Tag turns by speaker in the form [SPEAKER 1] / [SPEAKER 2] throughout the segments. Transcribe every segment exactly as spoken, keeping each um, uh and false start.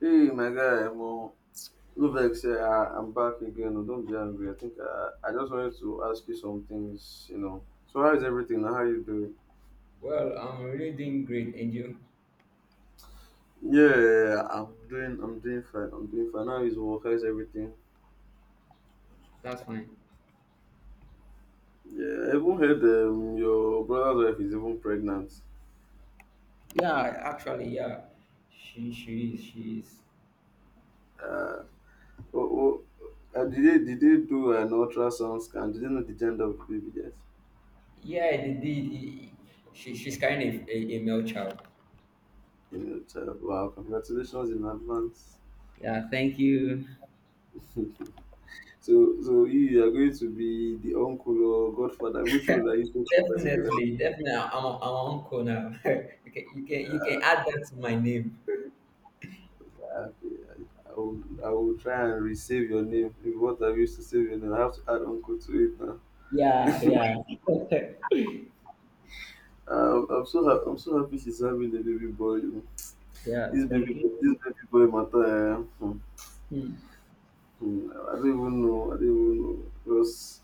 [SPEAKER 1] Hey, my guy, Mo. No vex, eh, I, I'm back again. oh, don't be angry. I think I, I just wanted to ask you some things, you know. So how is everything? How you doing?
[SPEAKER 2] Well, I'm really doing great, and you?
[SPEAKER 1] Yeah, I'm doing. I'm doing fine. I'm doing fine. How is work? How is everything?
[SPEAKER 2] That's fine.
[SPEAKER 1] Yeah, I even heard um, your brother's wife is even pregnant.
[SPEAKER 2] Yeah, actually, yeah, she she is she is.
[SPEAKER 1] Uh, oh, oh, uh, did they did they do an ultrasound scan? Did they know the gender of the baby yet?
[SPEAKER 2] Yeah, they did. She she's kind of a, a male child.
[SPEAKER 1] Female child. Wow, congratulations in advance.
[SPEAKER 2] Yeah, thank you.
[SPEAKER 1] So, so you you are going to be the uncle or godfather. Which role are you going to particularly?
[SPEAKER 2] Definitely, definitely. I'm a, I'm an uncle now. you can you can you can add that to my name.
[SPEAKER 1] Ah, Okay, I, I will, I will try and resave your name. If what I used to save your name, I have to add uncle to it now.
[SPEAKER 2] Yeah, yeah,
[SPEAKER 1] Um, I'm so ha- I'm so happy she's having a baby boy. you know.
[SPEAKER 2] yeah.
[SPEAKER 1] This
[SPEAKER 2] Thank
[SPEAKER 1] baby,
[SPEAKER 2] you.
[SPEAKER 1] this baby boy matter. eh, hmm,
[SPEAKER 2] Hmm.
[SPEAKER 1] hmm, I don't even know. I don't even know because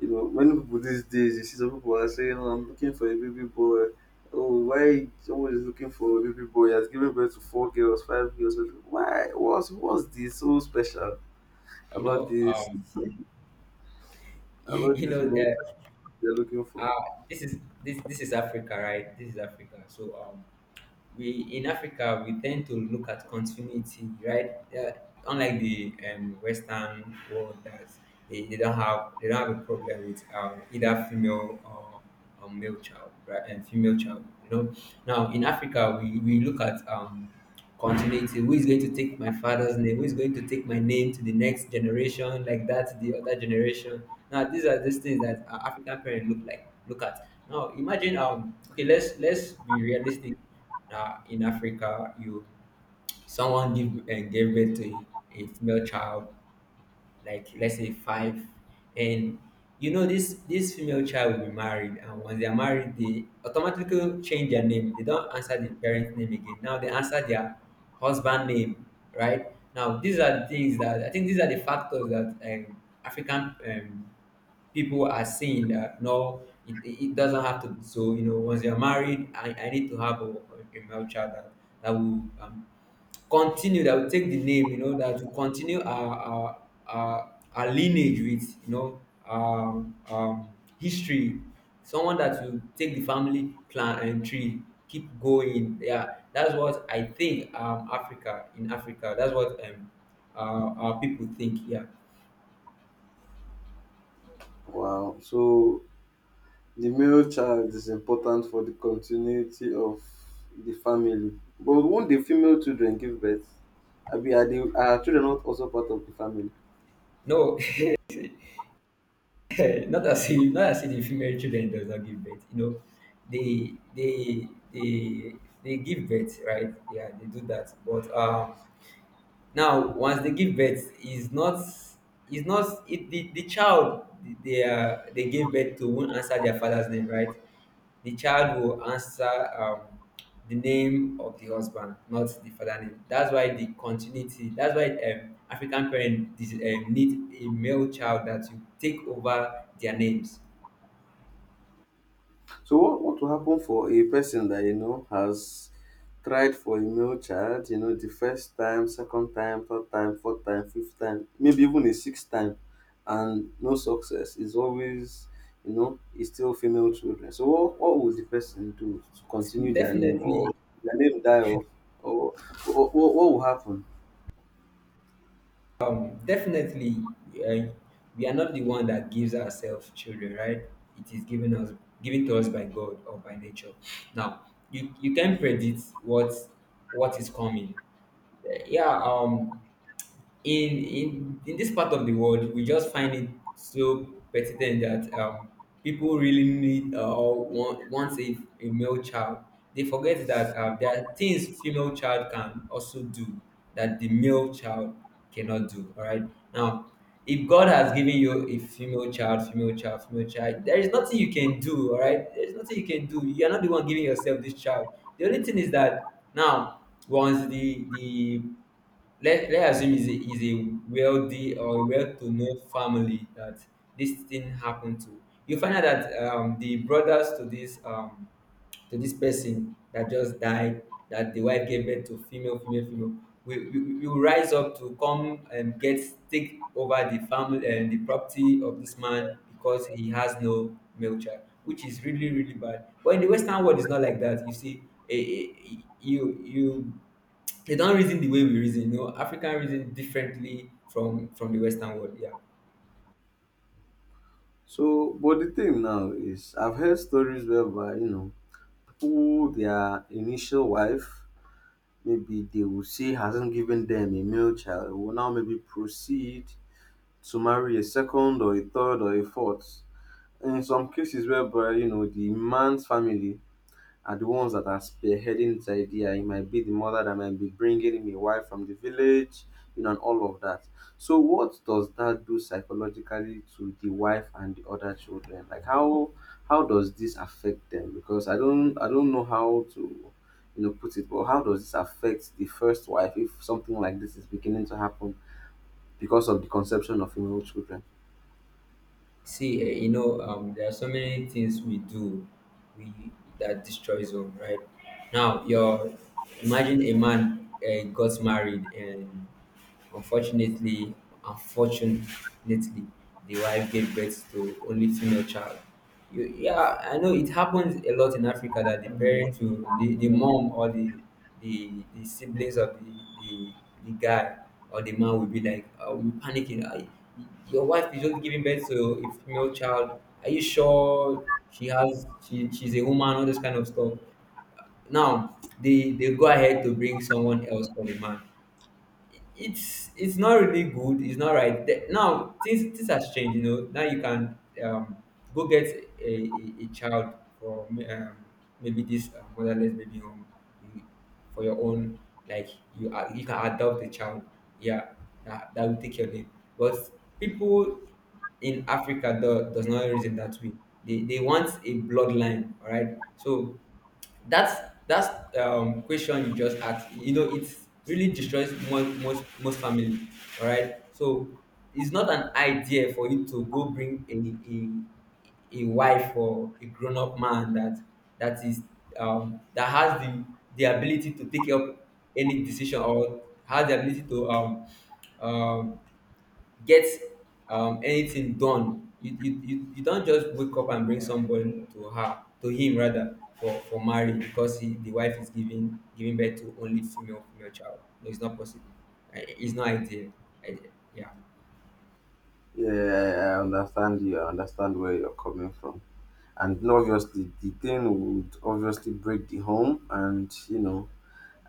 [SPEAKER 1] you know, many people these days, you see some people are saying, oh, I'm looking for a baby boy. Oh, why someone is looking for a baby boy? He has given birth to four girls, five girls. Why? What's what's this so special
[SPEAKER 2] You
[SPEAKER 1] about
[SPEAKER 2] know,
[SPEAKER 1] this
[SPEAKER 2] um,
[SPEAKER 1] about
[SPEAKER 2] you
[SPEAKER 1] this
[SPEAKER 2] know,
[SPEAKER 1] male child
[SPEAKER 2] uh,
[SPEAKER 1] they're looking for?
[SPEAKER 2] uh, this is this this is Africa, right? This is Africa. So um, we in Africa we tend to look at continuity, right? Yeah, unlike the um, Western world, that they, they don't have they don't have a problem with um, either female or, or male child, right? And female child, you know. Now in Africa we, we look at um, continuity. Who is going to take my father's name? Who is going to take my name to the next generation, like that, to the other generation? Now these are these things that uh, African parents look like look at. Now imagine um okay, let's let's be realistic. Now in Africa, you someone give uh, gave birth to a female child, like, let's say, five. And you know this this female child will be married, and once they are married they automatically change their name. They don't answer the parent name again, now they answer their husband name, right? Now these are the things that I think, these are the factors that um, African, um, people are seeing that no, it, it it doesn't have to be so. You know, once you're married, i, I need to have a, a male child that, that will um, continue, that will take the name, you know, that will continue our our our, our lineage with, you know, um, um, history. Someone that will take the family plan and tree, keep going. Yeah, that's what I think. Um, Africa, in Africa, that's what um, uh, our people think. Yeah,
[SPEAKER 1] Wow. So the male child is important for the continuity of the family. But won't the female children give birth? I mean, are, the, are children not also part of the family?
[SPEAKER 2] no, not as if not as if the female children does not give birth. You know, they they they they give birth, right? Yeah, they do that, but um now once they give birth, is not is not, it, the, the child they uh, they gave birth to, won't answer their father's name, right? The child will answer um, the name of the husband, not the father name. That's why the continuity, that's why um, African parents um, need a male child that will take over their names.
[SPEAKER 1] So what what will happen for a person that you know has tried for a male child, you know, the first time, second time, third time, fourth time, fifth time, maybe even a sixth time, and no success is always, you know, is still female children. So what, what would the person do to continue their name, or
[SPEAKER 2] Definitely.
[SPEAKER 1] their name die off, or what, what will happen?
[SPEAKER 2] Definitely, uh, we are not the one that gives ourselves children, right? It is given us given to us by God or by nature. Now, you you can predict what what is coming. Uh, Yeah. um, in in in this part of the world, we just find it so pertinent that um, people really need, uh, or want, want a, a male child. They forget that um, there are things female child can also do that the male child cannot do. All right, now, if God has given you a female child, female child, female child, there is nothing you can do. All right, there's nothing you can do. You're not the one giving yourself this child. The only thing is that now, once the the let, let's assume he's a, he's a wealthy or a well-to-know family that this thing happened to. You find out that um, the brothers to this um, to this person that just died, that the wife gave birth to female, female, female, will will will rise up to come and get take over the family and the property of this man, because he has no male child, which is really, really bad. But in the Western world, it's not like that. You see, eh, eh, you you, they don't reason the way we reason. You know, African reason differently from from the Western world. Yeah.
[SPEAKER 1] So, but the thing now is, I've heard stories whereby, you know, who their initial wife maybe they will say hasn't given them a male child, will now maybe proceed to marry a second or a third or a fourth. In some cases whereby, you know, the man's family are the ones that are spearheading this idea. It might be the mother that might be bringing me wife from the village, you know, and all of that. So, what does that do psychologically to the wife and the other children? Like, how how does this affect them? Because I don't I don't know how to you know put it, but how does this affect the first wife if something like this is beginning to happen because of the conception of female children?
[SPEAKER 2] See, eh, you know, um, there are so many things we do, we that destroys home, right? Now, your imagine a man uh, got married and, unfortunately, unfortunately, the wife gave birth to only female child. You, yeah, I know it happens a lot in Africa that the parents will, the, the mom or the, the, the siblings of the, the the guy or the man will be like, uh, we panicking. I, your wife is just giving birth to a female child. Are you sure she has, she, she's a woman? All this kind of stuff. Now they they go ahead to bring someone else for the man. It's it's not really good. It's not right. The- now, things things has changed. You know, now you can um, go get a, a, a child for, um, maybe this uh, motherless baby home, you, for your own. Like, you a- you can adopt a child. Yeah, that, that will take your name. But people in Africa do, does not reason that way. They they want a bloodline. All right, so that that um, question you just asked, you know, it really destroys most most most family. All right, so it's not an idea for you to go bring a a, a wife or a grown up man that that is um, that has the the ability to take up any decision, or has the ability to um, um, get um, anything done. You, you, you, you don't just wake up and bring somebody to her, to him rather, for, for marriage, because he, the wife is giving giving birth to only female, female child. No, it's not possible. Uh, It's not ideal. I, yeah.
[SPEAKER 1] Yeah, I understand you. I understand where you're coming from. And obviously the thing would obviously break the home, and you know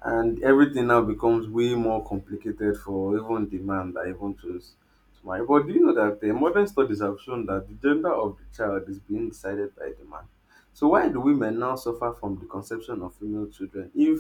[SPEAKER 1] and everything now becomes way more complicated for even the man that even chose to marry. But do you know that the modern studies have shown that the gender of the child is being decided by the man? So why do women now suffer from the conception of female children if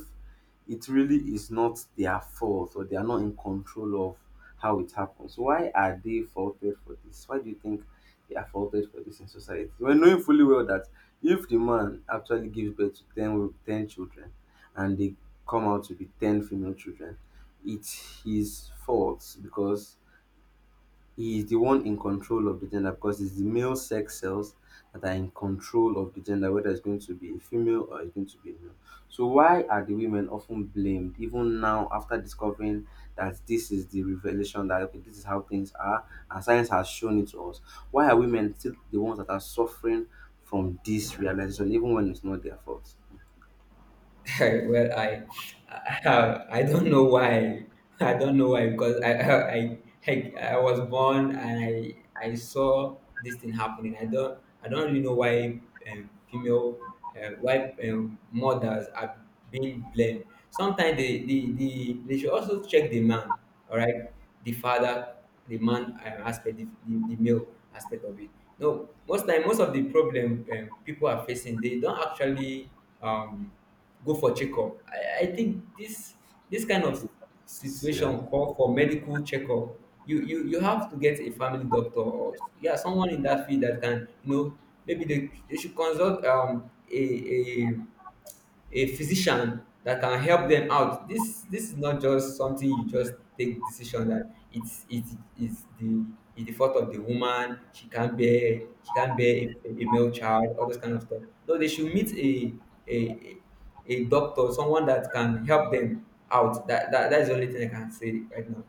[SPEAKER 1] it really is not their fault, or they are not in control of how it happens? Why are they faulted for this? Why do you think they are faulted for this in society? When knowing fully well that if the man actually gives birth to ten, wo- ten children, and they come out to be ten female children, it's his fault because he is the one in control of the gender, because it's the male sex cells that are in control of the gender, whether it's going to be a female or it's going to be a male. So, why are the women often blamed, even now after discovering that this is the revelation that okay, this is how things are and science has shown it to us? Why are women still the ones that are suffering from this realization, even when it's not their fault?
[SPEAKER 2] well, I, I, I don't know why. I don't know why, because I, I, I, I was born and I, I saw this thing happening. I don't, I don't really know why um, female, uh, why um, mothers are being blamed. Sometimes they, they, they, they should also check the man. All right, the father, the man, um, aspect, the, the, the male aspect of it. No, most time, most of the problem um, people are facing, they don't actually. Um, go for checkup. I i think this, this kind of
[SPEAKER 1] So, yeah.
[SPEAKER 2] situation, call for medical checkup. You you you have to get a family doctor, or yeah, someone in that field that can, you know, maybe they, they should consult um a a a physician that can help them out. This this is not just something you just take decision that it's it's it's the, it's the fault of the woman. She can't bear she can't bear a, a male child. All those kind of stuff. No, they should meet a a a doctor, someone that can help them out. That, that that's the only thing I can say right now.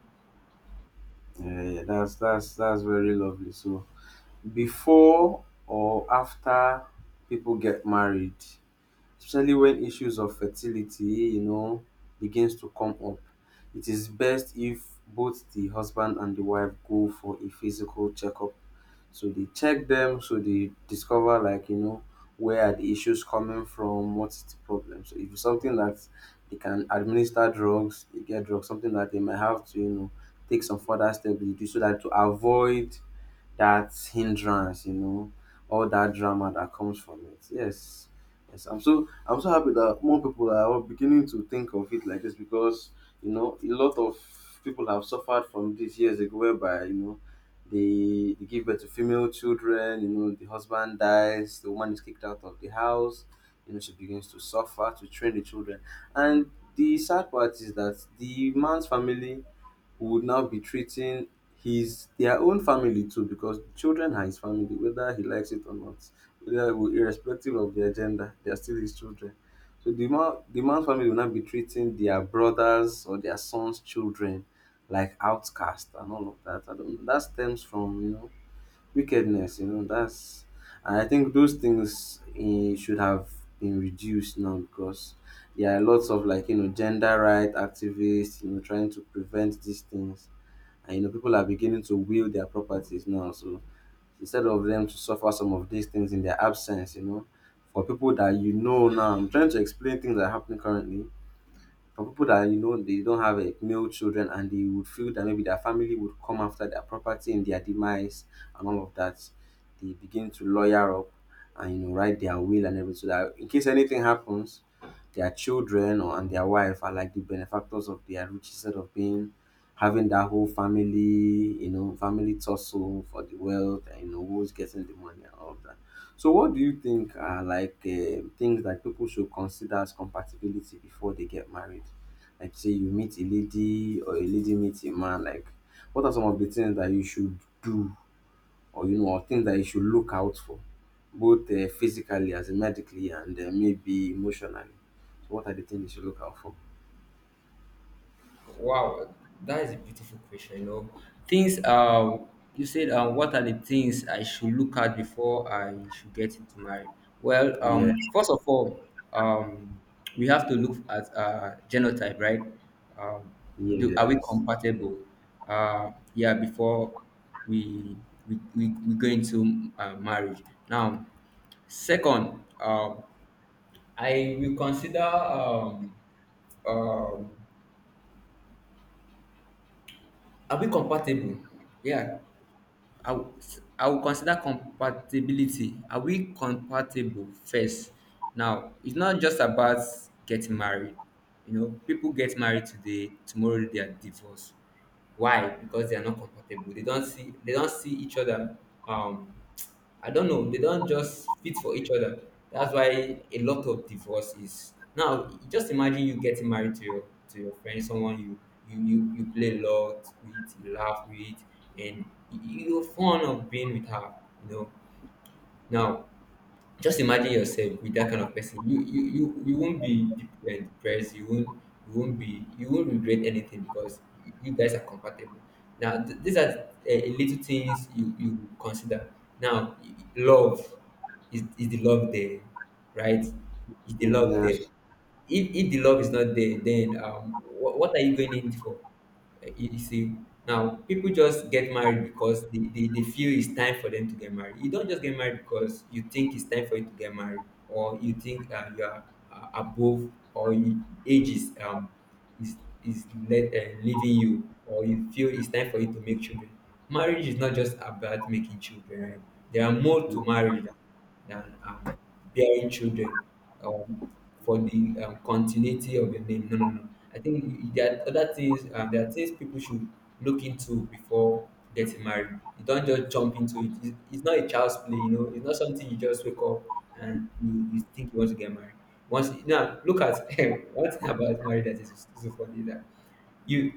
[SPEAKER 1] Yeah, yeah, that's that's that's very lovely. So before or after people get married, especially when issues of fertility, you know, begins to come up, it is best if both the husband and the wife go for a physical checkup so they check them, so they discover, like, you know where are the issues coming from, what's the problem. So if it's something that they can administer drugs, they get drugs, something that they might have to, you know take some further steps they do, so that to avoid that hindrance, you know, all that drama that comes from it. Yes. Yes. I'm so I'm so happy that more people are beginning to think of it like this, because, you know, a lot of people have suffered from this years ago whereby, you know, they, they give birth to female children, you know, the husband dies, the woman is kicked out of the house, you know, she begins to suffer to train the children. And the sad part is that the man's family, who would now be treating his, their own family too, because children are his family whether he likes it or not, whether, well, irrespective of their gender, they are still his children. So the man the man's family, will now be treating their brothers or their sons children like outcast, and all of that. I don't, that stems from, you know wickedness, you know that's. And I think those things, eh, should have been reduced now, because there are lots of, like, you know gender right activists, you know trying to prevent these things. And you know people are beginning to will their properties now. So instead of them to suffer some of these things in their absence, you know for people that, you know now I'm trying to explain things that are happening currently. Some people that, you know they don't have like male children, and they would feel that maybe their family would come after their property and their demise, and all of that. They begin to lawyer up, and, you know write their will and everything, so that in case anything happens, their children or and their wife are like the benefactors of their rich, instead of being having that whole family, you know family tussle for the wealth, and, you know who's getting the money and all of that. So what do you think are, like, um things that people should consider as compatibility before they get married? Like, say you meet a lady or a lady meets a man, like, what are some of the things that you should do, or, you know or things that you should look out for, both uh, physically as in medically, and uh, maybe emotionally. So what are the things you should look out for?
[SPEAKER 2] Wow, that is a beautiful question. You know, things. Uh, you said, um, what are the things I should look at before I should get into marriage? Well,
[SPEAKER 1] Yeah,
[SPEAKER 2] um, first of all, um, we have to look at uh, genotype, right? Um, do are we
[SPEAKER 1] yes,
[SPEAKER 2] compatible? Uh, yeah, before we we we, we go into uh, marriage. Now, second, um I will consider, um um are we compatible? Yeah. I will, I will consider compatibility. Are we compatible first? Now, it's not just about getting married. You know, people get married today, tomorrow they are divorced. Why? Because they are not compatible. They don't see they don't see each other, um I don't know. They don't just fit for each other. That's why a lot of divorce is now. Just imagine you getting married to your, to your friend, someone you you you, you play a lot with, you laugh with, and you- you're fond of being with her. You know, now, just imagine yourself with that kind of person. You you you, you won't be de- uh, depressed. You won't you won't be you won't regret anything because you guys are compatible. Now, th- these are uh, little things you you consider. Now, y- love, is is the love there, right? Is the love there?
[SPEAKER 1] yes.
[SPEAKER 2] If if the love is not there, then um what, what are you going in for? Uh, You, you see, now people just get married because they, they, they feel it's time for them to get married. You don't just get married because you think it's time for you to get married, or you think uh, you are uh, above, or you, age is um is is let, uh, leaving you, or you feel it's time for you to make children. Marriage is not just about making children. Right? There are more
[SPEAKER 1] You
[SPEAKER 2] to marriage than than, um, bearing children, um, for the um, continuity of your name. No, no, no. I think there are other things. Um, there are things people should look into before getting married. You don't just jump into it. It's, it's not a child's play. You know, it's not something you just wake up and you, you think you want to get married. Once now, look at One thing about marriage that is so funny is that you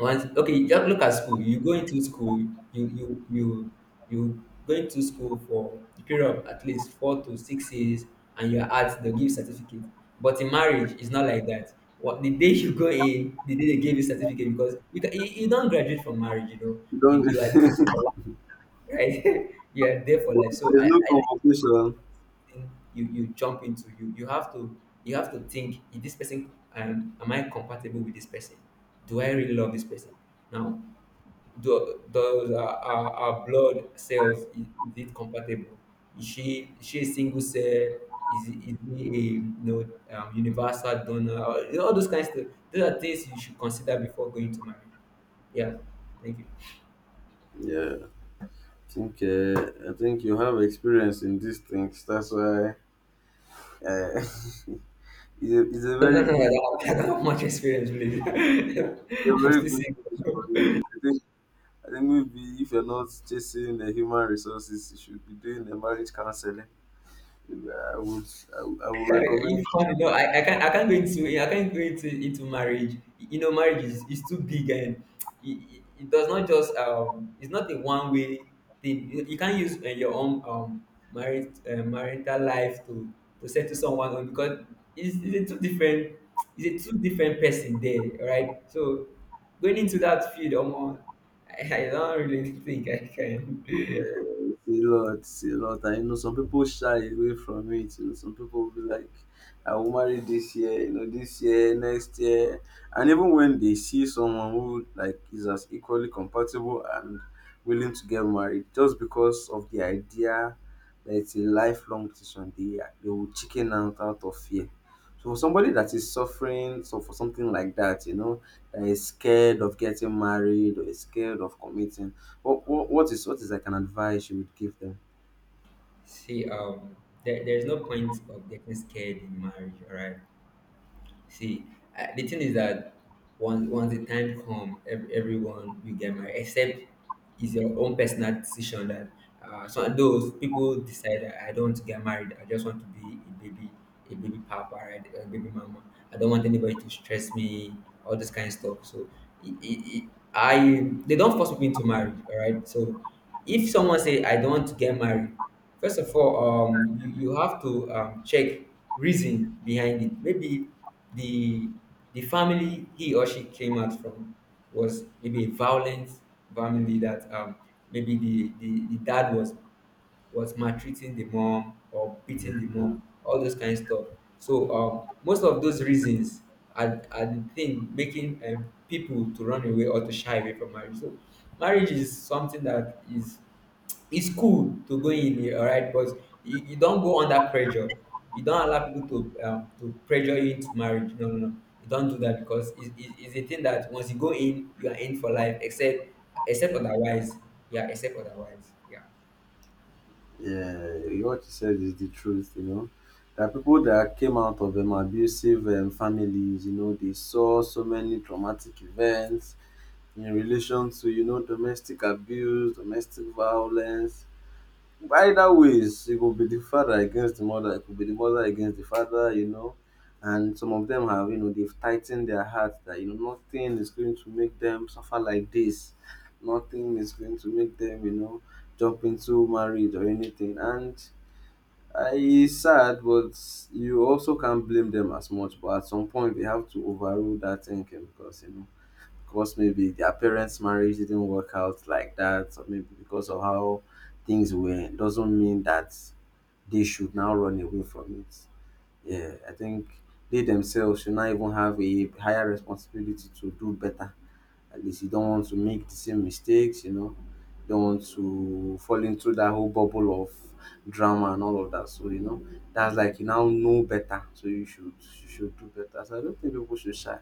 [SPEAKER 2] once okay just look at school. You go into school, you you you you go into school for the period of at least four to six years and you're at the give certificate. But in marriage it's not like that. What, the day you go in, the day they give you certificate, because you can, you, you don't graduate from marriage, you know. You,
[SPEAKER 1] don't,
[SPEAKER 2] you are for life, right? You are there for life. so
[SPEAKER 1] there's
[SPEAKER 2] i
[SPEAKER 1] no
[SPEAKER 2] i
[SPEAKER 1] convocation.
[SPEAKER 2] think you you jump into, you you have to, you have to think, is this person, um, am I compatible with this person? Do I really love this person? Now do, does our, our, our blood cells, is, is it compatible? Is she is she a single cell? Is it- is he a, you know, um, universal donor? All you know, all those kinds of, those are things you should consider before going to marriage. Yeah, thank you.
[SPEAKER 1] Yeah. I think, uh, I think you have experience in these things. That's why uh, it's, a, it's a
[SPEAKER 2] No, no,
[SPEAKER 1] very
[SPEAKER 2] no, I
[SPEAKER 1] good
[SPEAKER 2] don't have, I don't have much experience really.
[SPEAKER 1] a
[SPEAKER 2] I'm
[SPEAKER 1] very
[SPEAKER 2] still
[SPEAKER 1] good thing for
[SPEAKER 2] single.
[SPEAKER 1] you. I think I think maybe if you're not chasing the human resources, you should be doing the marriage counseling. I would I, would- I would recommend.
[SPEAKER 2] It's funny. No, I, I can't, I can't go into I can't go into into marriage. You know, marriage is, is too big and it, it, it does not just, um it's not a one way thing. You, you can't use uh, your own, um marriage, uh, marital life to to settle someone on, because it's, it's a two different, it's a two different person there, right? So going into that field, um, I, I don't really think I can.
[SPEAKER 1] It's a lot, it's a lot. And you know, some people shy away from it. You know, some people will be like, I will marry this year, you know, this year, next year. And even when they see someone who, like, is as equally compatible and willing to get married, just because of the idea that it's a lifelong decision, they they will chicken out, out of fear. So for somebody that is suffering, so for something like that, you know, that is scared of getting married or is scared of committing, what, what, what is what is like an advice you would give them?
[SPEAKER 2] See, um, there, there's no point of getting scared in marriage, all right? See, I, the thing is that once once the time come, ev- everyone will get married. Except it's your own personal decision that uh, so those people decide that I don't want to get married. I just want to be a baby, a baby papa, right? A baby mama. I don't want anybody to stress me. All this kind of stuff. So it, it, it, I they don't force people into marriage. All right. So if someone say I don't want to get married, first of all, um, you, you have to, um, check reason behind it. Maybe the the family he or she came out from was maybe a violent family that, um, maybe the, the, the dad was was maltreating the mom or
[SPEAKER 1] Yeah,
[SPEAKER 2] beating the mom, all those kind of stuff. So um, most of those reasons are, are the thing making, um, people to run away or to shy away from marriage. So marriage is something that is, it's cool to go in, eh, all right. But you, you don't go under pressure. You don't allow people to, um, to pressure you into marriage. No, no, no, you don't do that, because it, it, it's a thing that once you go in you are in for life, except, except otherwise. Yeah, except otherwise, yeah.
[SPEAKER 1] Uh, what you said is the truth, you know. There are people that came out of um, abusive um, families, you know, they saw so many traumatic events in relation to, you know, domestic abuse, domestic violence. Either ways, it could be the father against the mother, it could be the mother against the father, you know. And some of them have, you know, they've tightened their hearts that, you know, nothing is going to make them suffer like this. Nothing is going to make them, you know, jump into marriage or anything. And I, it's sad, but you also can't blame them as much. But at some point, they have to overrule that thinking, because, you know, because maybe their parents' marriage didn't work out like that, or maybe because of how things were, doesn't mean that they should now run away from it. Yeah, I think they themselves should not even have a higher responsibility to do better. At least you don't want to make the same mistakes, you know. Don't want to fall into that whole bubble of drama and all of that. So, you know, that's like you now know better. So you should you should do better. So I don't think people should shy.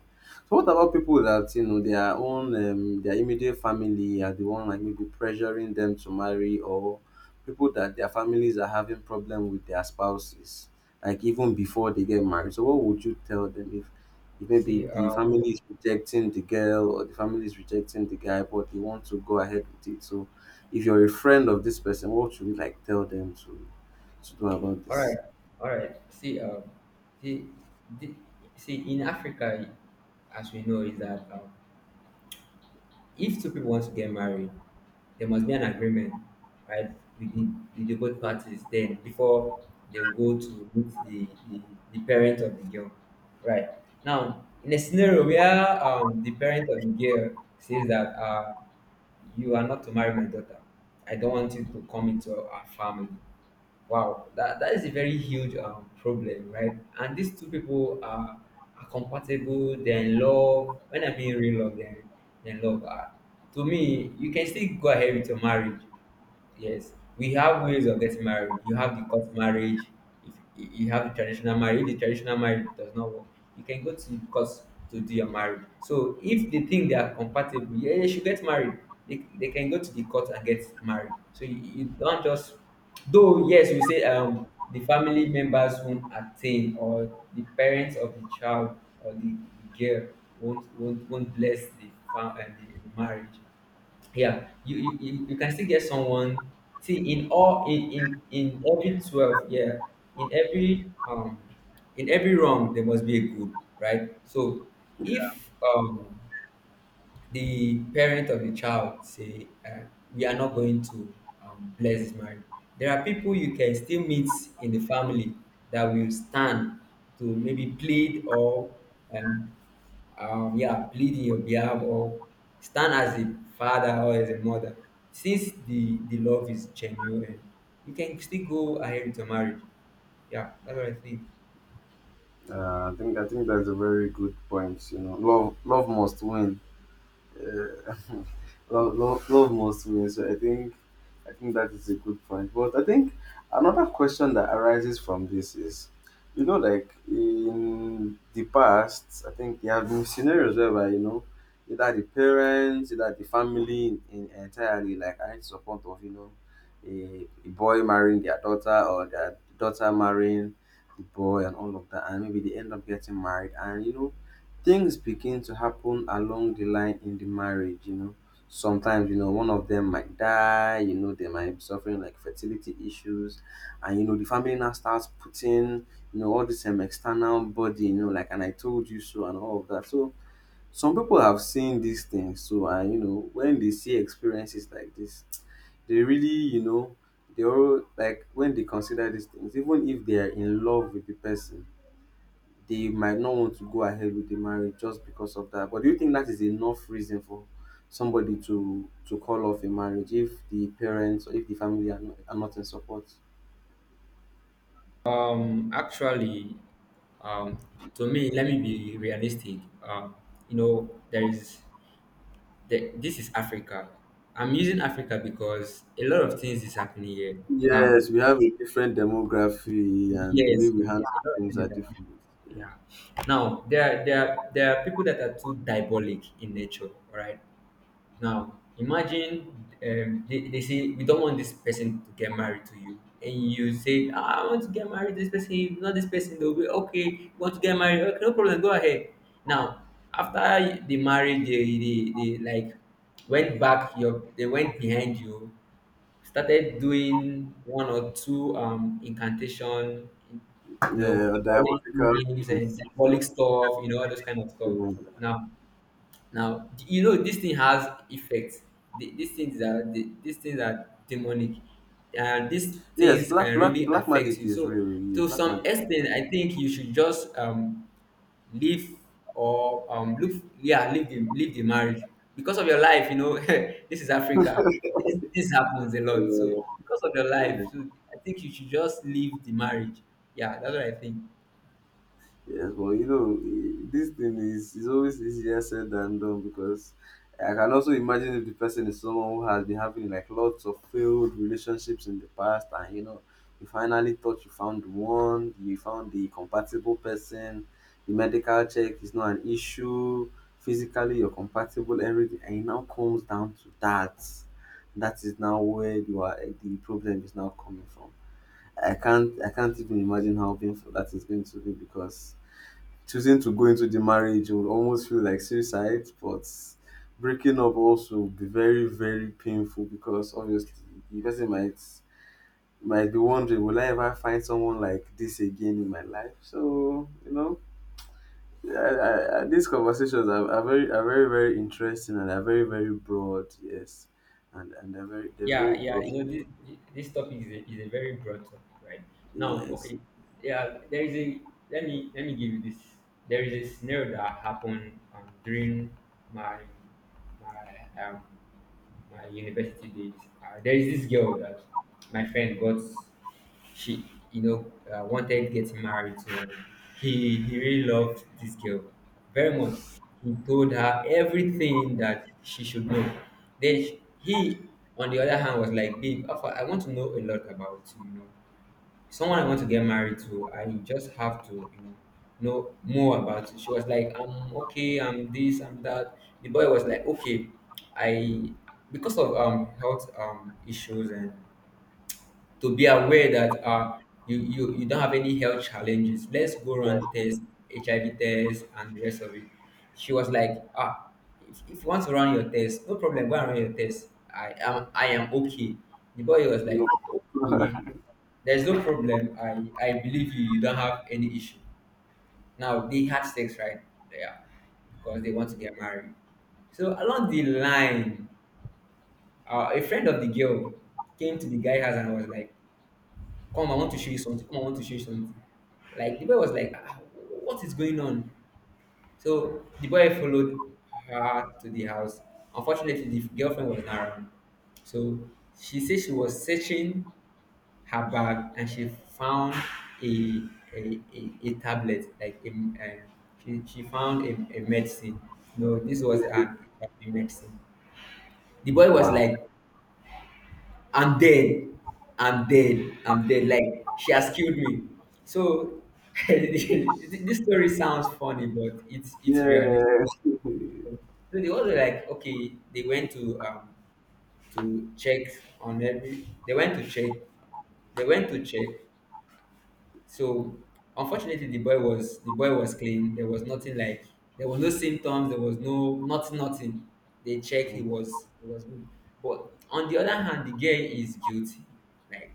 [SPEAKER 1] So what about people that you know their own um, their immediate family are the one like maybe pressuring them to marry, or people that their families are having problem with their spouses like even before they get married. So what would you tell them if maybe
[SPEAKER 2] see
[SPEAKER 1] the
[SPEAKER 2] um
[SPEAKER 1] family is rejecting the girl or the family is rejecting the guy, but they want to go ahead with it. So, if you're a friend of this person, what should you like tell them to to do about
[SPEAKER 2] All
[SPEAKER 1] this?
[SPEAKER 2] right, all right see um see the, see in Africa, as we know, is that, um, if two people want to get married, there must be an agreement, right, with the, the both parties, then before they will go to meet the, the, the parent of the girl, right? Now, in a scenario where, um, the parent of the girl says that, uh, you are not to marry my daughter, I don't want you to come into our family. Wow, that, that is a very huge, um, problem, right? And these two people are, are compatible, they're in love. When I mean real love, they're, they're in love. Uh, to me, you can still go ahead with your marriage. Yes, we have ways of getting married. You have the court marriage. If you you have the traditional marriage, if the traditional marriage does not work, you can go to the court to do your marriage. So if they think they are compatible, yeah, they should get married. They, they can go to the court and get married. So you, you don't just, though yes, you say, um, the family members won't attain, or the parents of the child or the, the girl won't won't won't bless the fam- and the, the marriage. Yeah, you you, you you can still get someone. See in all, in in in every twelve, yeah, in every, um in every wrong there must be a good, right? So if, um the parent of the child say, um we are not going to, um bless this marriage. There are people you can still meet in the family that will stand to maybe plead or, um, um yeah, plead in your behalf, or stand as a father or as a mother. Since the the love is genuine, you can still go ahead with your marriage. Yeah, that's what I think.
[SPEAKER 1] Uh, I think I think that's a very good point. You know, love love must win. Uh, love, love, love must win. So I think I think that is a good point. But I think another question that arises from this is, you know, like in the past, I think there have been scenarios whereby you know either the parents, either the family in, in entirely like are in support of you know a, a boy marrying their daughter or their daughter marrying the boy and all of that, and maybe they end up getting married, and you know things begin to happen along the line in the marriage, you know. Sometimes, you know, one of them might die, you know, they might be suffering like fertility issues. And, you know, the family now starts putting, you know, all this um, external body, you know, like, and I told you so, and all of that. So, some people have seen these things. So, and, you know, when they see experiences like this, they really, you know, they all like when they consider these things, even if they are in love with the person, they might not want to go ahead with the marriage just because of that. But do you think that is enough reason for somebody to to call off a marriage if the parents or if the family are not, are not in support?
[SPEAKER 2] Um, actually, um, to me, let me be realistic. Um, you know, there is the, this is Africa. I'm using Africa because a lot of things is happening here now.
[SPEAKER 1] Yes, we have a different demography and the way
[SPEAKER 2] Yes,
[SPEAKER 1] we
[SPEAKER 2] a a
[SPEAKER 1] handle
[SPEAKER 2] lot of
[SPEAKER 1] things
[SPEAKER 2] things
[SPEAKER 1] are
[SPEAKER 2] is happening.
[SPEAKER 1] different.
[SPEAKER 2] Yeah. Now there are, there are, there are people that are too diabolic in nature, all right? Now imagine, um, they, they say, "We don't want this person to get married to you." And you say, "Ah, I want to get married to this person, if not this person. They'll be okay. You want to get married? Okay, no problem. Go ahead." Now, after the marriage, they, they, they like went back, your, they went behind you, started doing one or two, um, incantation, you know,
[SPEAKER 1] Yeah,
[SPEAKER 2] calling
[SPEAKER 1] diabolical
[SPEAKER 2] names and
[SPEAKER 1] things.
[SPEAKER 2] diabolic stuff, you know, all those kind of stuff. Now, now, you know, this thing has effects. The- These things are the- these things are demonic, and these
[SPEAKER 1] Yes,
[SPEAKER 2] things
[SPEAKER 1] black
[SPEAKER 2] can
[SPEAKER 1] black
[SPEAKER 2] really
[SPEAKER 1] black
[SPEAKER 2] affect
[SPEAKER 1] magic
[SPEAKER 2] you.
[SPEAKER 1] is
[SPEAKER 2] So
[SPEAKER 1] real. Yeah,
[SPEAKER 2] to
[SPEAKER 1] black
[SPEAKER 2] some
[SPEAKER 1] magic.
[SPEAKER 2] extent, I think you should just, um, leave, or, um, look, yeah, leave the leave the marriage because of your life. You know, this is Africa. This, this happens a lot. So because of your life, so I think you should just leave the marriage. Yeah, that's what I think.
[SPEAKER 1] Yes, but you know, i- this thing is, is always easier said than done because I can also imagine if the person is someone who has been having like lots of failed relationships in the past, and you know, you finally thought you found one, you found the compatible person, the medical check is not an issue, physically you're compatible, everything, and it now comes down to that. That is now where you are, eh, the problem is now coming from. I can't, I can't even imagine how painful that is going to be because choosing to go into the marriage would almost feel like suicide, but breaking up also would be very, very painful because obviously the person might might be wondering, will I ever find someone like this again in my life? So you know, yeah, I, I, I- these conversations are, are very, are very, very interesting and are very, very broad. Yes, and and they're very, they're
[SPEAKER 2] Yeah,
[SPEAKER 1] very
[SPEAKER 2] yeah,
[SPEAKER 1] broad.
[SPEAKER 2] you know, this, this topic is a, is a very broad topic, right? Now,
[SPEAKER 1] Yes.
[SPEAKER 2] okay, yeah, there is a, let me, let me give you this. There is a scenario that happened, um, during my, my, um, my university days. Uh, there is this girl that my friend got, she, you know, uh, wanted getting married to her. he he really loved this girl very much. He told her everything that she should know. Then she- he, on the other hand, was like, "Babe Alpha, I want to know a lot about you. You know, someone I want to get married to, I just have to, you know know more about it." She was like, "I'm okay, I'm this, I'm that." The boy was like, "Okay, I because of, um health, um issues, and to be aware that, uh, you, you you don't have any health challenges, let's go
[SPEAKER 1] Yeah.
[SPEAKER 2] run tests, H I V tests, and the rest of it." She was like, "Ah, if, if you want to run your test, no problem. Go and run your test. I am I am okay." The boy was
[SPEAKER 1] No.
[SPEAKER 2] like, "Okay, there's no problem. I I believe you. You don't have any issue." Now they had sex right there because they want to get married. So along the line, uh, a friend of the girl came to the guy house and was like, "Come, I want to show you something. Come, I want to show you something." Like the boy was like, "Ah, what is going on?" So the boy followed her to the house. Unfortunately, the girlfriend was not around. So she said she was searching her bag and she found a, a, a, a tablet, like a, a, she, she found a, a medicine. No, this was an, a medicine. The boy was
[SPEAKER 1] Wow.
[SPEAKER 2] like, and then, and then and then like, "She has killed me." So this story sounds funny, but it's it's
[SPEAKER 1] Yeah.
[SPEAKER 2] realistic. So they were like okay, they went to, um to check on every they went to check, they went to check. So unfortunately, the boy was the boy was clean. There was nothing, like there was no symptoms, there was no nothing, nothing. They checked. He was he was good. But on the other hand, the girl is guilty. Like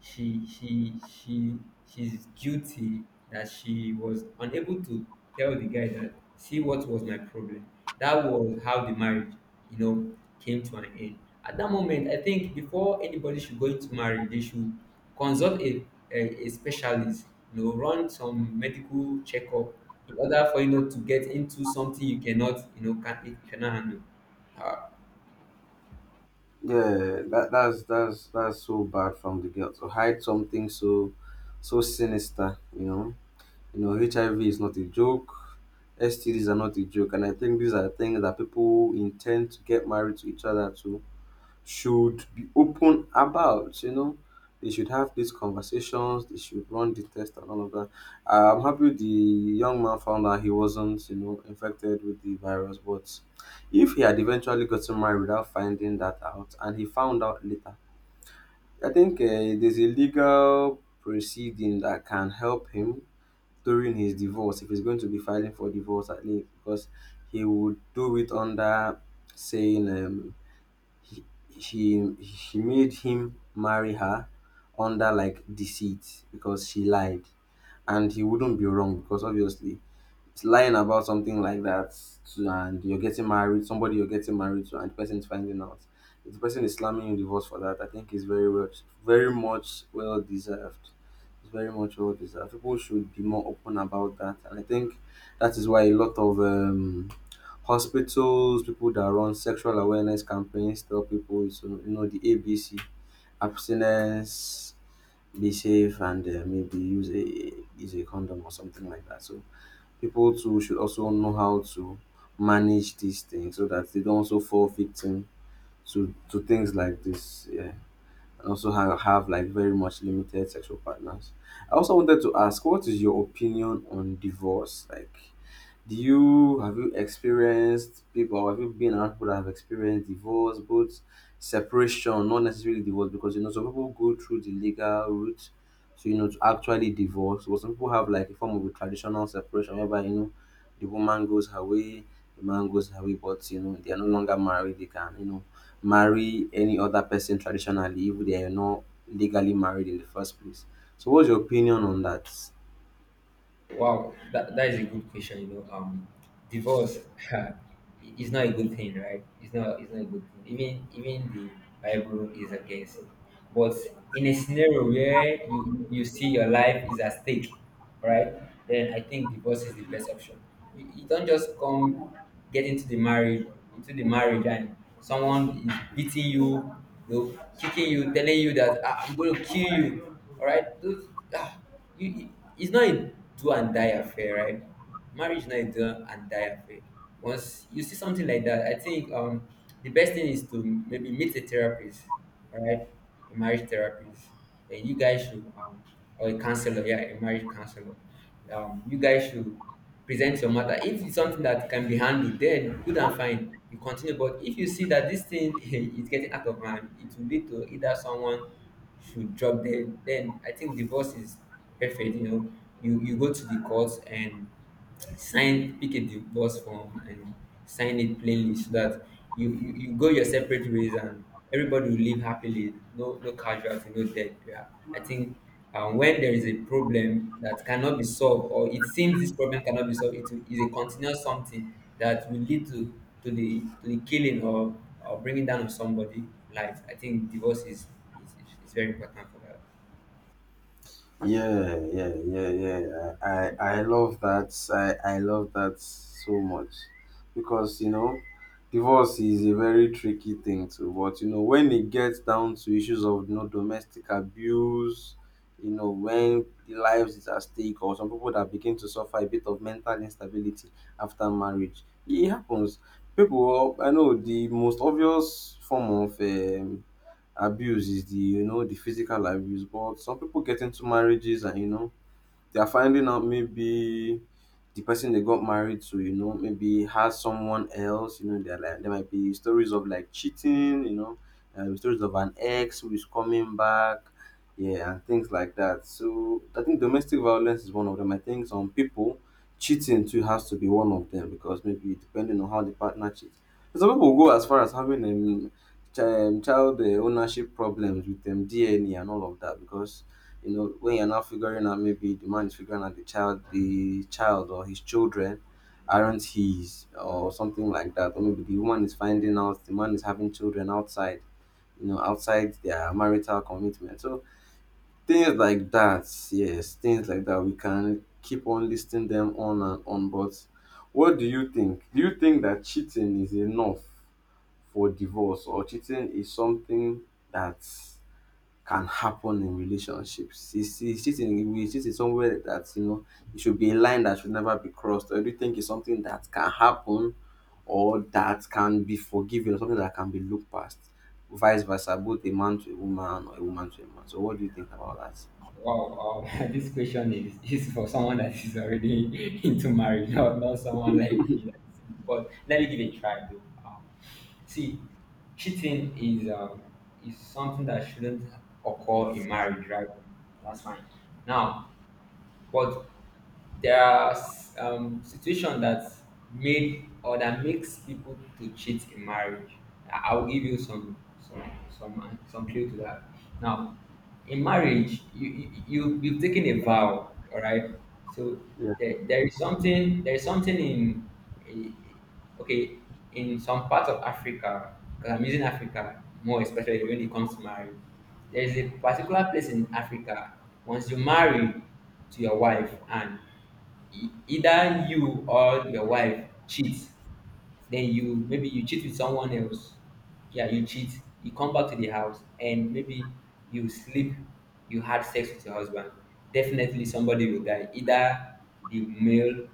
[SPEAKER 2] she she she she's guilty that she was unable to tell the guy that, "See, what was my problem." That was how the marriage, you know, came to an end. At that moment, I think before anybody should go into marriage, they should consult a, a, a specialist, you know, run some medical checkup in order for, you know, to get into something you cannot, you know, can, you cannot handle.
[SPEAKER 1] Yeah, that that's that's that's so bad from the girl to hide something so so sinister, you know. You know, H I V is not a joke, S T Ds are not a joke, and I think these are things that people intend to get married to each other to should be open about, you know. They should have these conversations, they should run the test and all of that. I'm happy the young man found out he wasn't, you know, infected with the virus, but if he had eventually gotten married without finding that out and he found out later, I think uh, there's a legal proceeding that can help him during his divorce if he's going to be filing for divorce at least because he would do it under saying um, he, she she made him marry her under like deceit because she lied, and he wouldn't be wrong because obviously it's lying about something like that to, and you're getting married somebody you're getting married to and the person is finding out. If the person is slamming you divorce for that, I think it's very well, very much well deserved. It's very much well deserved. People should be more open about that, and I think that is why a lot of um hospitals, people that run sexual awareness campaigns, tell people it's you know the A B C, abstinence, be safe, and uh, maybe use a use a condom or something like that. So people too should also know how to manage these things so that they don't also fall victim to to things like this. Yeah, and also have, have like very much limited sexual partners. I also wanted to ask, what is your opinion on divorce? Like do you have, you experienced people, or have you been around people that have experienced divorce, both separation, not necessarily divorce, because you know some people go through the legal route to you know to actually divorce. But some people have like a form of a traditional separation whereby you know the woman goes her way, the man goes her way, but you know they are no longer married, they can, you know, marry any other person traditionally if they are not legally married in the first place. So what's your opinion on that?
[SPEAKER 2] Wow, that, that is a good question. You know, um, divorce is not a good thing, right? It's not it's not a good thing. Even even the Bible is against it. But in a scenario where you you see your life is at stake, right? Then I think divorce is the best option. You, you don't just come get into the marriage into the marriage and someone is beating you, you know, kicking you, telling you that ah, I'm going to kill you. All right, those. Ah you, you- it's not a do and die affair, right? Marriage is not a do and die affair. Once you see something like that, I think um the best thing is to maybe meet a therapist, all right? A marriage therapist. And you guys should um or a counselor, yeah, a marriage counselor. Um you guys should present your matter. If it's something that can be handled, then good and fine, you continue. But if you see that this thing is getting out of hand, it will lead to either someone should drop dead, then I think divorce is perfect you know you you go to the courts and sign, pick a divorce form and sign it plainly, so that you, you you go your separate ways and everybody will live happily. No no casualty, no death. Yeah, I think um, when there is a problem that cannot be solved, or it seems this problem cannot be solved, it is a continuous something that will lead to to the to the killing or or bringing down of somebody life. I think divorce is is, is is very important for that.
[SPEAKER 1] Yeah, yeah, yeah, yeah. I, I, I love that. I, I love that so much because you know, divorce is a very tricky thing too. But you know, when it gets down to issues of you know domestic abuse, you know, when lives is at stake, or some people that begin to suffer a bit of mental instability after marriage, it happens. People, I know the most obvious form of um abuse is the you know the physical abuse, but some people get into marriages and you know they are finding out maybe the person they got married to, you know, maybe has someone else, you know, they're like there might be stories of like cheating, you know, um, stories of an ex who is coming back, yeah, and things like that. So I think domestic violence is one of them. I think some people cheating too has to be one of them because maybe depending on how the partner cheats. Some people go as far as having um, chi- um, child uh, ownership problems with um, D N A and all of that because you know when you're now figuring out maybe the man is figuring out the child the child or his children aren't his or something like that, or maybe the woman is finding out the man is having children outside, you know, outside their marital commitment. So things like that, yes, things like that, we can keep on listing them on and on. But what do you think, do you think that cheating is enough for divorce, or cheating is something that can happen in relationships. Is is cheating, is cheating somewhere that you know it should be a line that should never be crossed, or do you think it's something that can happen or that can be forgiven or something that can be looked past? Vice versa, both a man to a woman or a woman to a man. So what do you think about that?
[SPEAKER 2] Wow, um, this question is, is for someone that is already into marriage, not, not someone like me. That's single. But let me give it a try though. Um, see, cheating is um, is something that shouldn't occur in marriage, right? That's fine. Now, but there are s- um, situations that made or that makes people to cheat in marriage. I- I'll give you some some some some clue to that. Now, in marriage you you you- you've taken a vow, all right? So
[SPEAKER 1] Yeah.
[SPEAKER 2] there, there is something, there is something in in- okay in some parts of Africa, because I'm using Africa more especially when it comes to marriage, there is a particular place in Africa. Once you marry to your wife and e- either you or your wife cheats, then you, maybe you cheat with someone else. Yeah, you cheat, you come back to the house and maybe you sleep, you had sex with your husband. Definitely somebody will die, either the male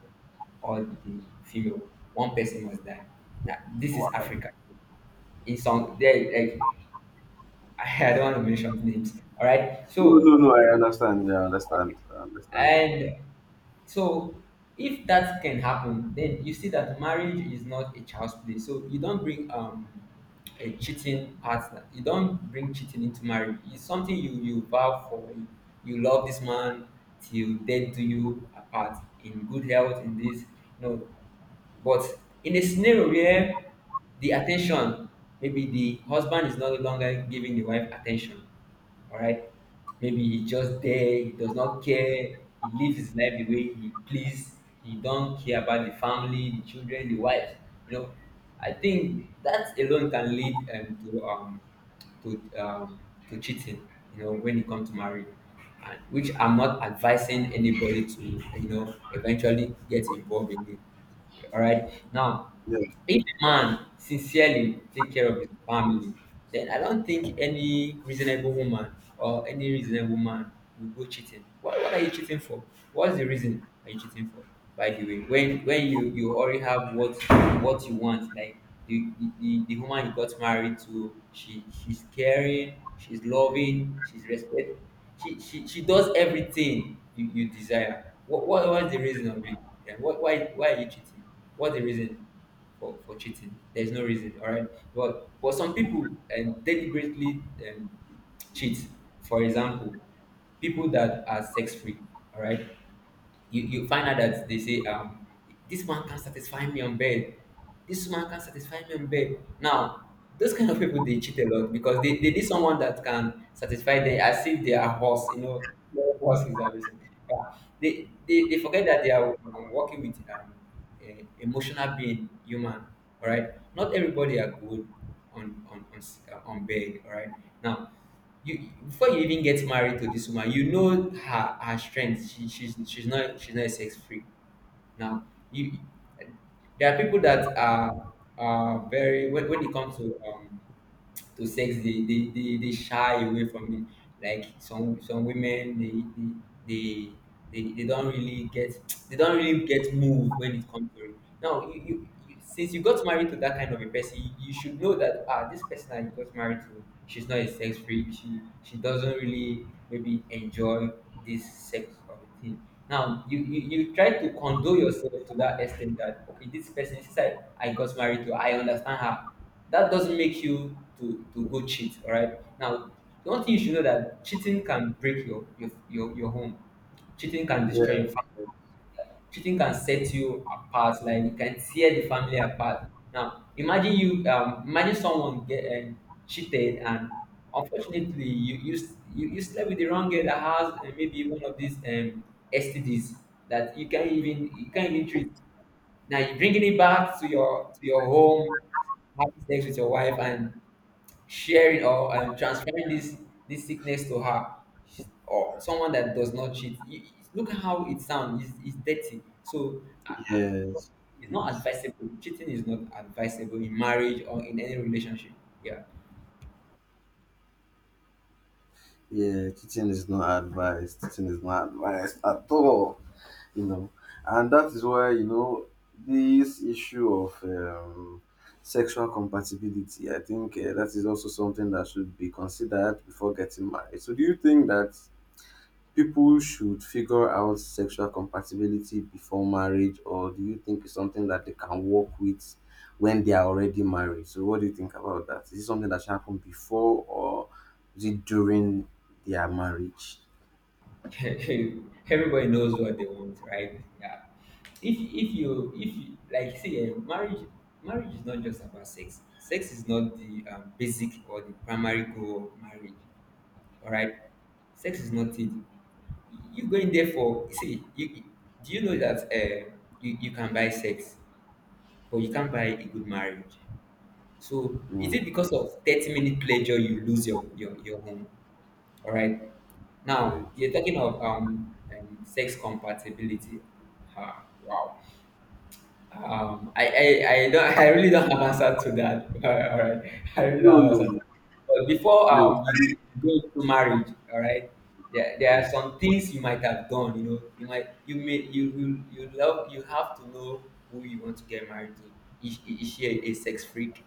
[SPEAKER 2] or the female. One person must die. Now this is
[SPEAKER 1] Wow. No,
[SPEAKER 2] Africa. In some there, like, I don't want to mention names, all right?
[SPEAKER 1] no,
[SPEAKER 2] So
[SPEAKER 1] no, I understand. Yeah, I understand. I understand.
[SPEAKER 2] and so if that can happen, then you see that marriage is not a child's play. So you don't bring um a cheating partner. You don't bring cheating into marriage. It's something you you vow for. You, you love this man till death do you apart, in good health, in this. No, but in a scenario where the attention, maybe the husband is no longer giving the wife attention, all right. Maybe he just there, he does not care, he lives his life the way he please, he don't care about the family, the children, the wife. You know, I think that alone can lead um, to um to um to cheating, you know, when it comes to marriage. And which I'm not advising anybody to, you know, eventually get involved in it. All right. Now
[SPEAKER 1] Yeah.
[SPEAKER 2] if a man sincerely take care of his family, then I don't think any reasonable woman or any reasonable man will go cheating. What, what are you cheating for? What's the reason are you cheating for? By the way, when when you, you already have what what you want, like the, the, the, the woman you got married to, she she's caring, she's loving, she's respect, she she, she does everything you, you desire. What, what what's the reason of it? Yeah, what why why are you cheating? What's the reason for, for cheating? There's no reason, all right. But but some people um, deliberately um, cheat. For example, people that are sex free, all right, you you find out that they say um this man can satisfy me on bed, this man can satisfy me on bed. Now those kind of people they cheat a lot because they, they need someone that can satisfy them as if they are horse. You know, no, horse is amazing, yeah. they, they, they forget that they are um, working with um a emotional being human, all right. Not everybody are good on on on, s- uh, on bed, all right. Now you, before you even get married to this woman, you know her her strength. She, she's she's not she's not sex free. Now you, there are people that are are very when, when it comes to um to sex, they they, they, they shy away from it, like some some women they they they, they, they don't really get, they don't really get moved when it comes to it. Now you, you, you since you got married to that kind of a person, you, you should know that ah, this person that you got married to, she's not a sex freak, she she doesn't really maybe enjoy this sex of a thing. Now you, you you try to condole yourself to that extent that okay, this person since I, I got married to, I understand her. That doesn't make you to to go cheat, all right. Now the one thing you should know, that cheating can break your your your, your home. Cheating can destroy
[SPEAKER 1] Yeah.
[SPEAKER 2] your family. Cheating can set you apart, like it can tear the family apart. Now imagine you um imagine someone get um, cheated, and unfortunately you you, s- you you slept with the wrong girl that has uh, maybe one of these um STDs that you can't even, you can't even treat. Now you're bringing it back to your to your home, having sex with your wife and sharing or um, transferring this this sickness to her. She- or someone that does not cheat. You, you- look at how it sounds. It's, it's dirty. So I, I,
[SPEAKER 1] Yes.
[SPEAKER 2] it's not
[SPEAKER 1] Yes.
[SPEAKER 2] advisable. Cheating is not advisable in marriage or in any relationship. Yeah,
[SPEAKER 1] Yeah, cheating is not advised. Cheating is not advised at all. You know, and that is why you know this issue of um, sexual compatibility, I think uh, that is also something that should be considered before getting married. So do you think that people should figure out sexual compatibility before marriage, or do you think it's something that they can work with when they are already married? So what do you think about that? Is it something that should happen before or is it during their marriage?
[SPEAKER 2] everybody knows what they want, right? Yeah. If if you if you, like, see, eh, marriage, marriage is not just about sex. Sex is not the um, basic or the primary goal of marriage. All right. Sex is not it. You going there for, see? You, do you know that uh, you you can buy sex, but you can't buy a good marriage. So is
[SPEAKER 1] Mm.
[SPEAKER 2] it because of thirty minute pleasure you lose your your your home? All right. Now
[SPEAKER 1] Marriage.
[SPEAKER 2] you're talking of um, um sex compatibility. Ha, wow. Um, I, I, I don't, I really don't have answer to that. All right, all right. I really don't
[SPEAKER 1] no
[SPEAKER 2] have
[SPEAKER 1] no
[SPEAKER 2] answer to that. But before
[SPEAKER 1] no
[SPEAKER 2] um you g- go into marriage, all right, there, there
[SPEAKER 1] Mm.
[SPEAKER 2] are some things you might have done. You know, you might you may you you you love, you have to know who you want to get married to. Is, is she a, a sex freak?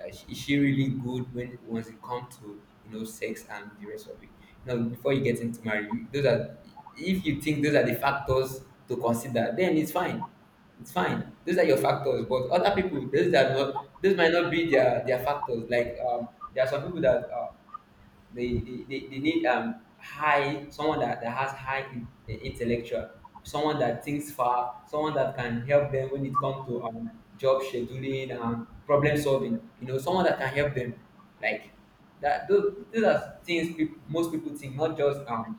[SPEAKER 2] Uh, is is she really good when once it comes to, you know, sex and the rest of it? You know, before you get into marriage, you- those are, if you think those are the factors to consider, then it's fine, it's fine. Those are your factors, but other people, those are not, those might not be their their factors. Like um, there are some people that uh, they they, they, they need um high someone that, that has high in, uh, intellectual, someone that thinks far, someone that can help them when it comes to um job scheduling and problem solving, you know, someone that can help them, like that. those, those are things peop, most people think, not just um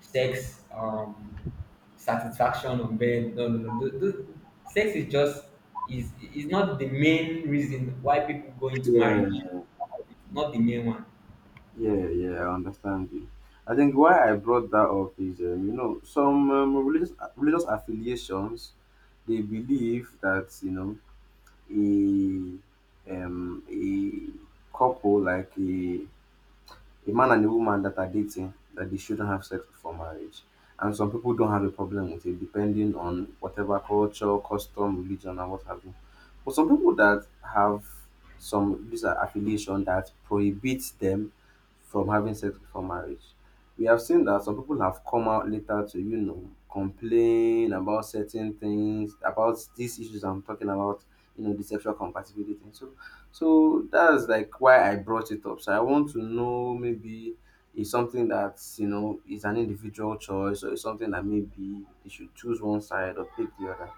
[SPEAKER 2] sex um satisfaction on bed. No no no th- th- sex is just, is is not the main reason why people go into marriage,
[SPEAKER 1] Yeah.
[SPEAKER 2] not the main one.
[SPEAKER 1] Yeah, yeah, I understand you. I think why I brought that up is, um, you know, some um, religious religious affiliations, they believe that you know a um a couple, like a a man and a woman that are dating, that they shouldn't have sex before marriage. And some people don't have a problem with it, depending on whatever culture, custom, religion, and what have you. But some people that have some this are affiliation that prohibits them from having sex before marriage. We have seen that some people have come out later to, you know, complain about certain things, about these issues I'm talking about, you know, the sexual compatibility. Thing. So so that's like why I brought it up. So I want to know maybe it's something that you know is an individual choice, or it's something that maybe they should choose one side or pick the other.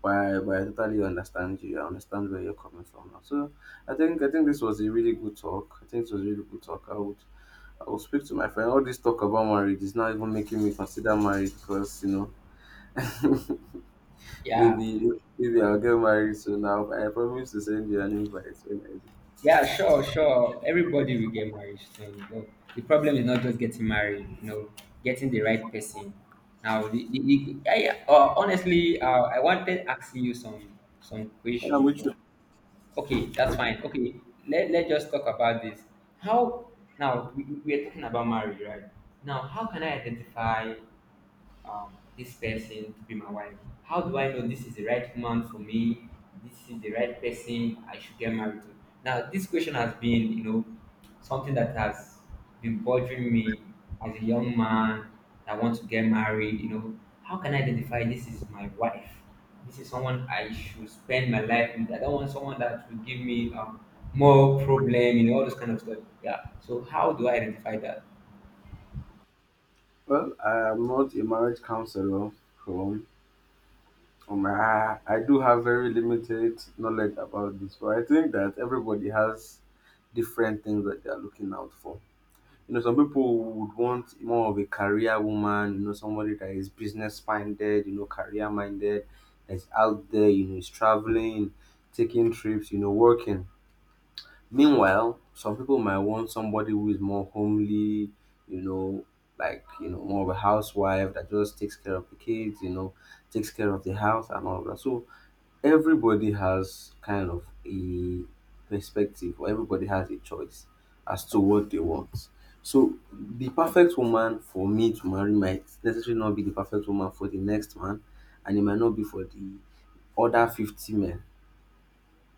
[SPEAKER 1] But I, but I totally understand you. I understand where you're coming from now. So I think I think this was a really good talk. I think this was a really good talk. I would I will speak to my friend. All this talk about marriage is not even making me consider marriage because you know
[SPEAKER 2] Yeah.
[SPEAKER 1] maybe maybe I'll get married soon. Now I promise to send you an invite when I do.
[SPEAKER 2] Yeah, sure, sure. Everybody will get married soon. But the problem is not just getting married, you know, getting the right person. Now, the, the, the, I, uh, honestly, uh, I wanted asking you some some
[SPEAKER 1] Yeah,
[SPEAKER 2] question,
[SPEAKER 1] which...
[SPEAKER 2] but okay, that's fine. Okay, let, let's just talk about this. How, now we, we we are talking about marriage, right? Now, how can I identify um, this person to be my wife? How do I know this is the right woman for me? This is the right person I should get married to. Now, this question has been, you know, something that has been bothering me as a young man that wants to get married. You know, how can I identify this is my wife? This is someone I should spend my life with. I don't want someone that will give me um, more problem, you know, all those kind of stuff. Yeah. So, how do I identify that?
[SPEAKER 1] Well, I am not a marriage counselor, so um, I, I do have very limited knowledge about this, but I think that everybody has different things that they are looking out for. You know, some people would want more of a career woman, you know, somebody that is business minded, you know, career minded, that's out there, you know, is traveling, taking trips, you know, working. Meanwhile, some people might want somebody who is more homely, you know, like, you know, more of a housewife that just takes care of the kids, you know, takes care of the house and all that. So everybody has kind of a perspective, or everybody has a choice as to what they want. So the perfect woman for me to marry might necessarily not be the perfect woman for the next man, and it might not be for the other fifty men.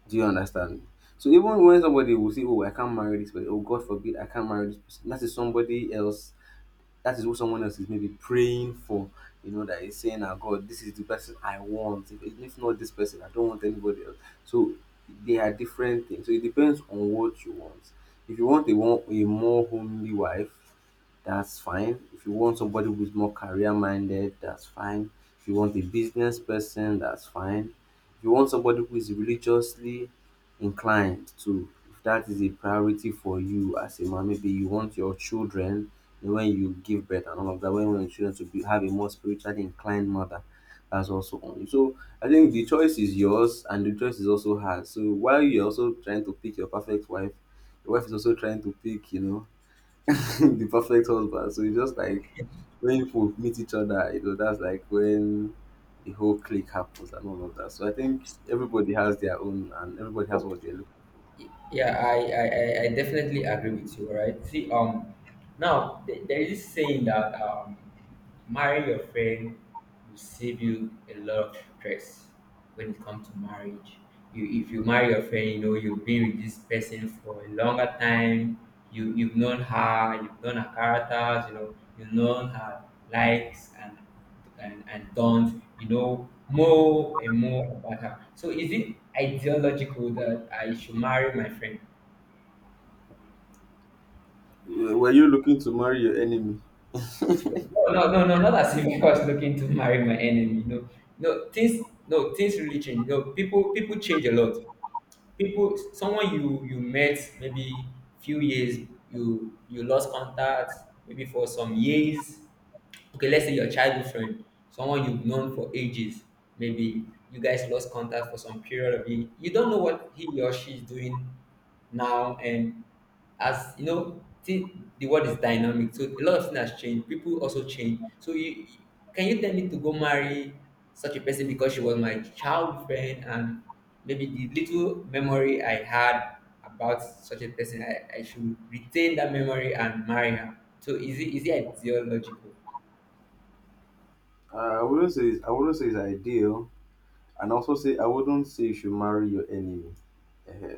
[SPEAKER 1] Do you understand me? So even when somebody will say, "Oh, I can't marry this person," "Oh, God forbid, I can't marry this person," that is somebody else. That is what someone else is maybe praying for. You know, that is saying, "Ah, God, this is the person I want. If, if not this person, I don't want anybody else." So they are different things. So it depends on what you want. If you want a, one, a more homely wife, that's fine. If you want somebody who's more career minded, that's fine. If you want a business person, that's fine. If you want somebody who is religiously inclined too, if that is a priority for you as a man, maybe you want your children, you know, when you give birth and all of that, when you want your children to be, have a more spiritually inclined mother, that's also on you. So I think the choice is yours and the choice is also hers. So while you're also trying to pick your perfect wife, your wife is also trying to pick, you know, the perfect husband. So it's just like when people meet each other, you know, that's like when the whole click happens and all of that. So I think everybody has their own and everybody has what they're looking
[SPEAKER 2] Yeah, I, I, I I definitely agree with you. All right. See, um, now th- there is this saying that um, marry your friend will save you a lot of stress when it comes to marriage. You, if you marry your friend, you know you've been with this person for a longer time. You you've known her, you've known her characters. You know you've known her likes and and, and don't. You know more and more about her. So is it ideological that I should marry my friend?
[SPEAKER 1] for. Were you looking to marry your enemy?
[SPEAKER 2] No, no, no, not as if I was looking to marry my enemy. No, no, things, no, things really change. No, people, people change a lot. People, someone you you met maybe few years, you you lost contact maybe for some years. Okay, let's say your childhood friend, someone you've known for ages, maybe you guys lost contact for some period of it. You don't know what he or she is doing now, and as you know, thi- the world is dynamic, so a lot of things has changed. People also change. So you, can you tell me to go marry such a person because she was my childhood friend and maybe the little memory I had about such a person, I, I should retain that memory and marry her. So is it, is it ideological?
[SPEAKER 1] Uh, I wouldn't say it's, I wouldn't say it's ideal, and also say I wouldn't say you should marry your enemy. Eh,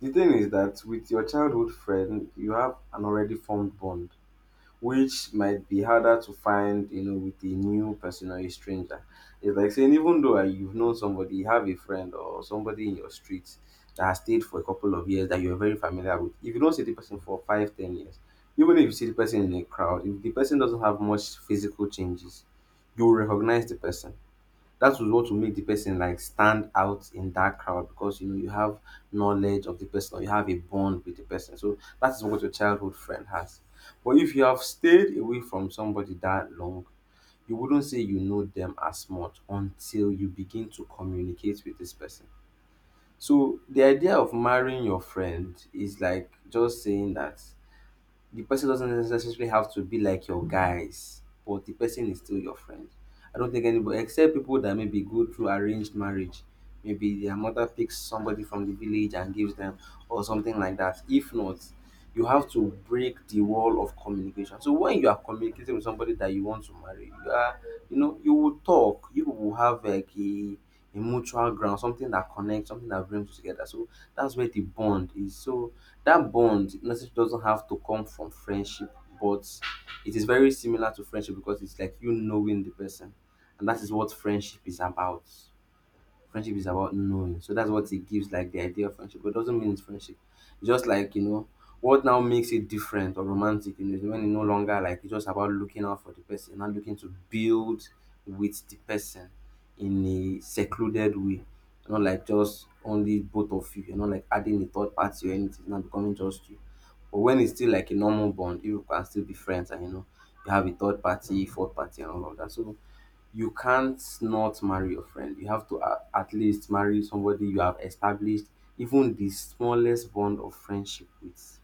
[SPEAKER 1] The thing is that with your childhood friend, you have an already formed bond which might be harder to find, you know, with a new person or a stranger. It's like saying even though uh, you've known somebody, you have a friend or somebody in your street that has stayed for a couple of years that you're very familiar with. If you don't see the person for five, ten years, even if you see the person in a crowd, if the person doesn't have much physical changes, you will recognize the person. That was what will make the person like stand out in that crowd, because you know you have knowledge of the person, or you have a bond with the person. So that is what your childhood friend has. But if you have stayed away from somebody that long, you wouldn't say you know them as much until you begin to communicate with this person. So the idea of marrying your friend is like just saying that the person doesn't necessarily have to be like your guys, but the person is still your friend. I don't think anybody, except people that maybe go through arranged marriage, maybe their mother picks somebody from the village and gives them, or something like that. If not, you have to break the wall of communication. So when you are communicating with somebody that you want to marry, you are, you know, you will talk. You will have like a a mutual ground, something that connects, something that brings you together. So that's where the bond is. So that bond necessarily doesn't have to come from friendship, but it is very similar to friendship because it's like you knowing the person, and that is what friendship is about. Friendship is about knowing. So that's what it gives, like the idea of friendship. But it doesn't mean it's friendship. Just like, you know, what now makes it different or romantic, you know, is when it no longer like it's just about looking out for the person, not looking to build with the person in a secluded way. Not like just only both of you. You're not like adding a third party or anything, it's not becoming just you. But when it's still like a normal bond, you can still be friends and, you know, you have a third party, fourth party, and all of that. So you can't not marry your friend. You have to a- at least marry somebody you have established even the smallest bond of friendship with,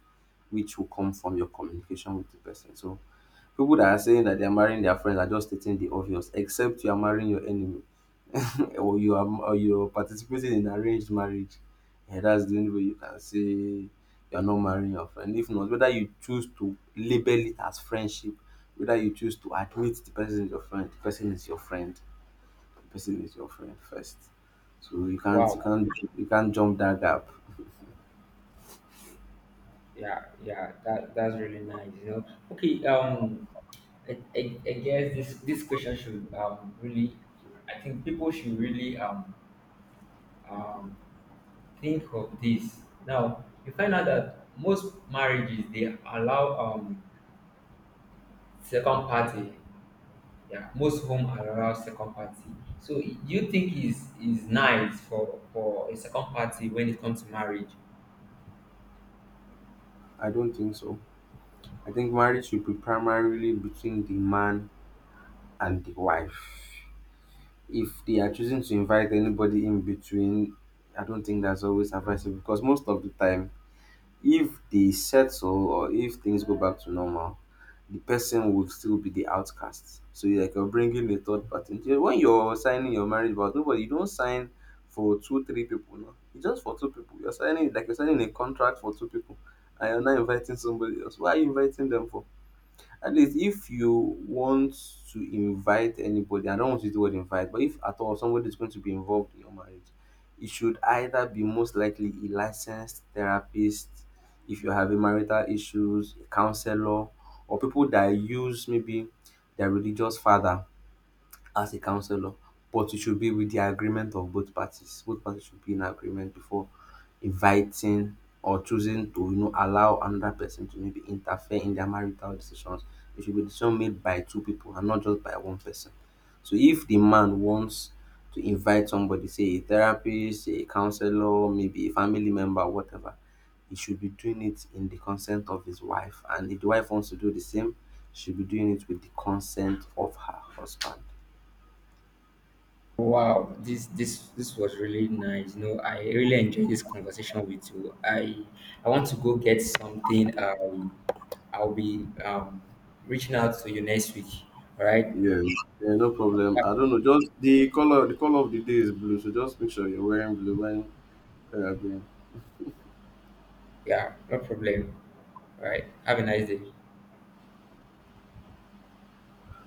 [SPEAKER 1] which will come from your communication with the person. So people that are saying that they are marrying their friends are just stating the obvious, except you are marrying your enemy or you are or you're participating in arranged marriage. Yeah, that's the only way you can say you're not marrying your friend. If not, whether you choose to label it as friendship, whether you choose to admit the person is your friend, the person is your friend, person is your friend first. So you can't you
[SPEAKER 2] Wow.
[SPEAKER 1] can't you can't jump that gap.
[SPEAKER 2] Yeah, yeah, that that's really nice, you know. Okay, um I, I, I guess this this question should um really, I think people should really um um think of this. Now you find out that most marriages they allow um second party. Yeah, most home allow second party. So do you think is is nice for for a second party when it comes to marriage?
[SPEAKER 1] I don't think so. I think marriage should be primarily between the man and the wife. If they are choosing to invite anybody in between, I don't think that's always advisable, because most of the time, if they settle or if things go back to normal, the person would still be the outcast. So you're like you're bringing a third party into... When you're signing your marriage vows, nobody, you don't sign for two, three people. No, it's just for two people. You're signing like you're signing a contract for two people, and you're not inviting somebody else. Why are you inviting them for? At least if you want to invite anybody, I don't want to use the word invite, but if at all somebody is going to be involved in your marriage, it should either be most likely a licensed therapist, if you're having marital issues, a counselor, or people that use maybe their religious father as a counselor, but it should be with the agreement of both parties. Both parties should be in agreement before inviting or choosing to, you know, allow another person to maybe interfere in their marital decisions. It should be decision made by two people and not just by one person. So if the man wants to invite somebody, say a therapist, a counselor, maybe a family member, whatever, he should be doing it in the consent of his wife. And if the wife wants to do the same, she should be doing it with the consent of her husband.
[SPEAKER 2] Wow, this this this was really nice. You know, I really enjoyed this conversation with you. I I want to go get something. Um, I'll be um reaching out to you next week. All right.
[SPEAKER 1] Yeah, yeah, no problem. I
[SPEAKER 2] Ha-
[SPEAKER 1] don't know. Just the color, the color of the day is blue, so just make sure you're wearing blue when uh, going
[SPEAKER 2] yeah, no problem. All right. Have a nice day.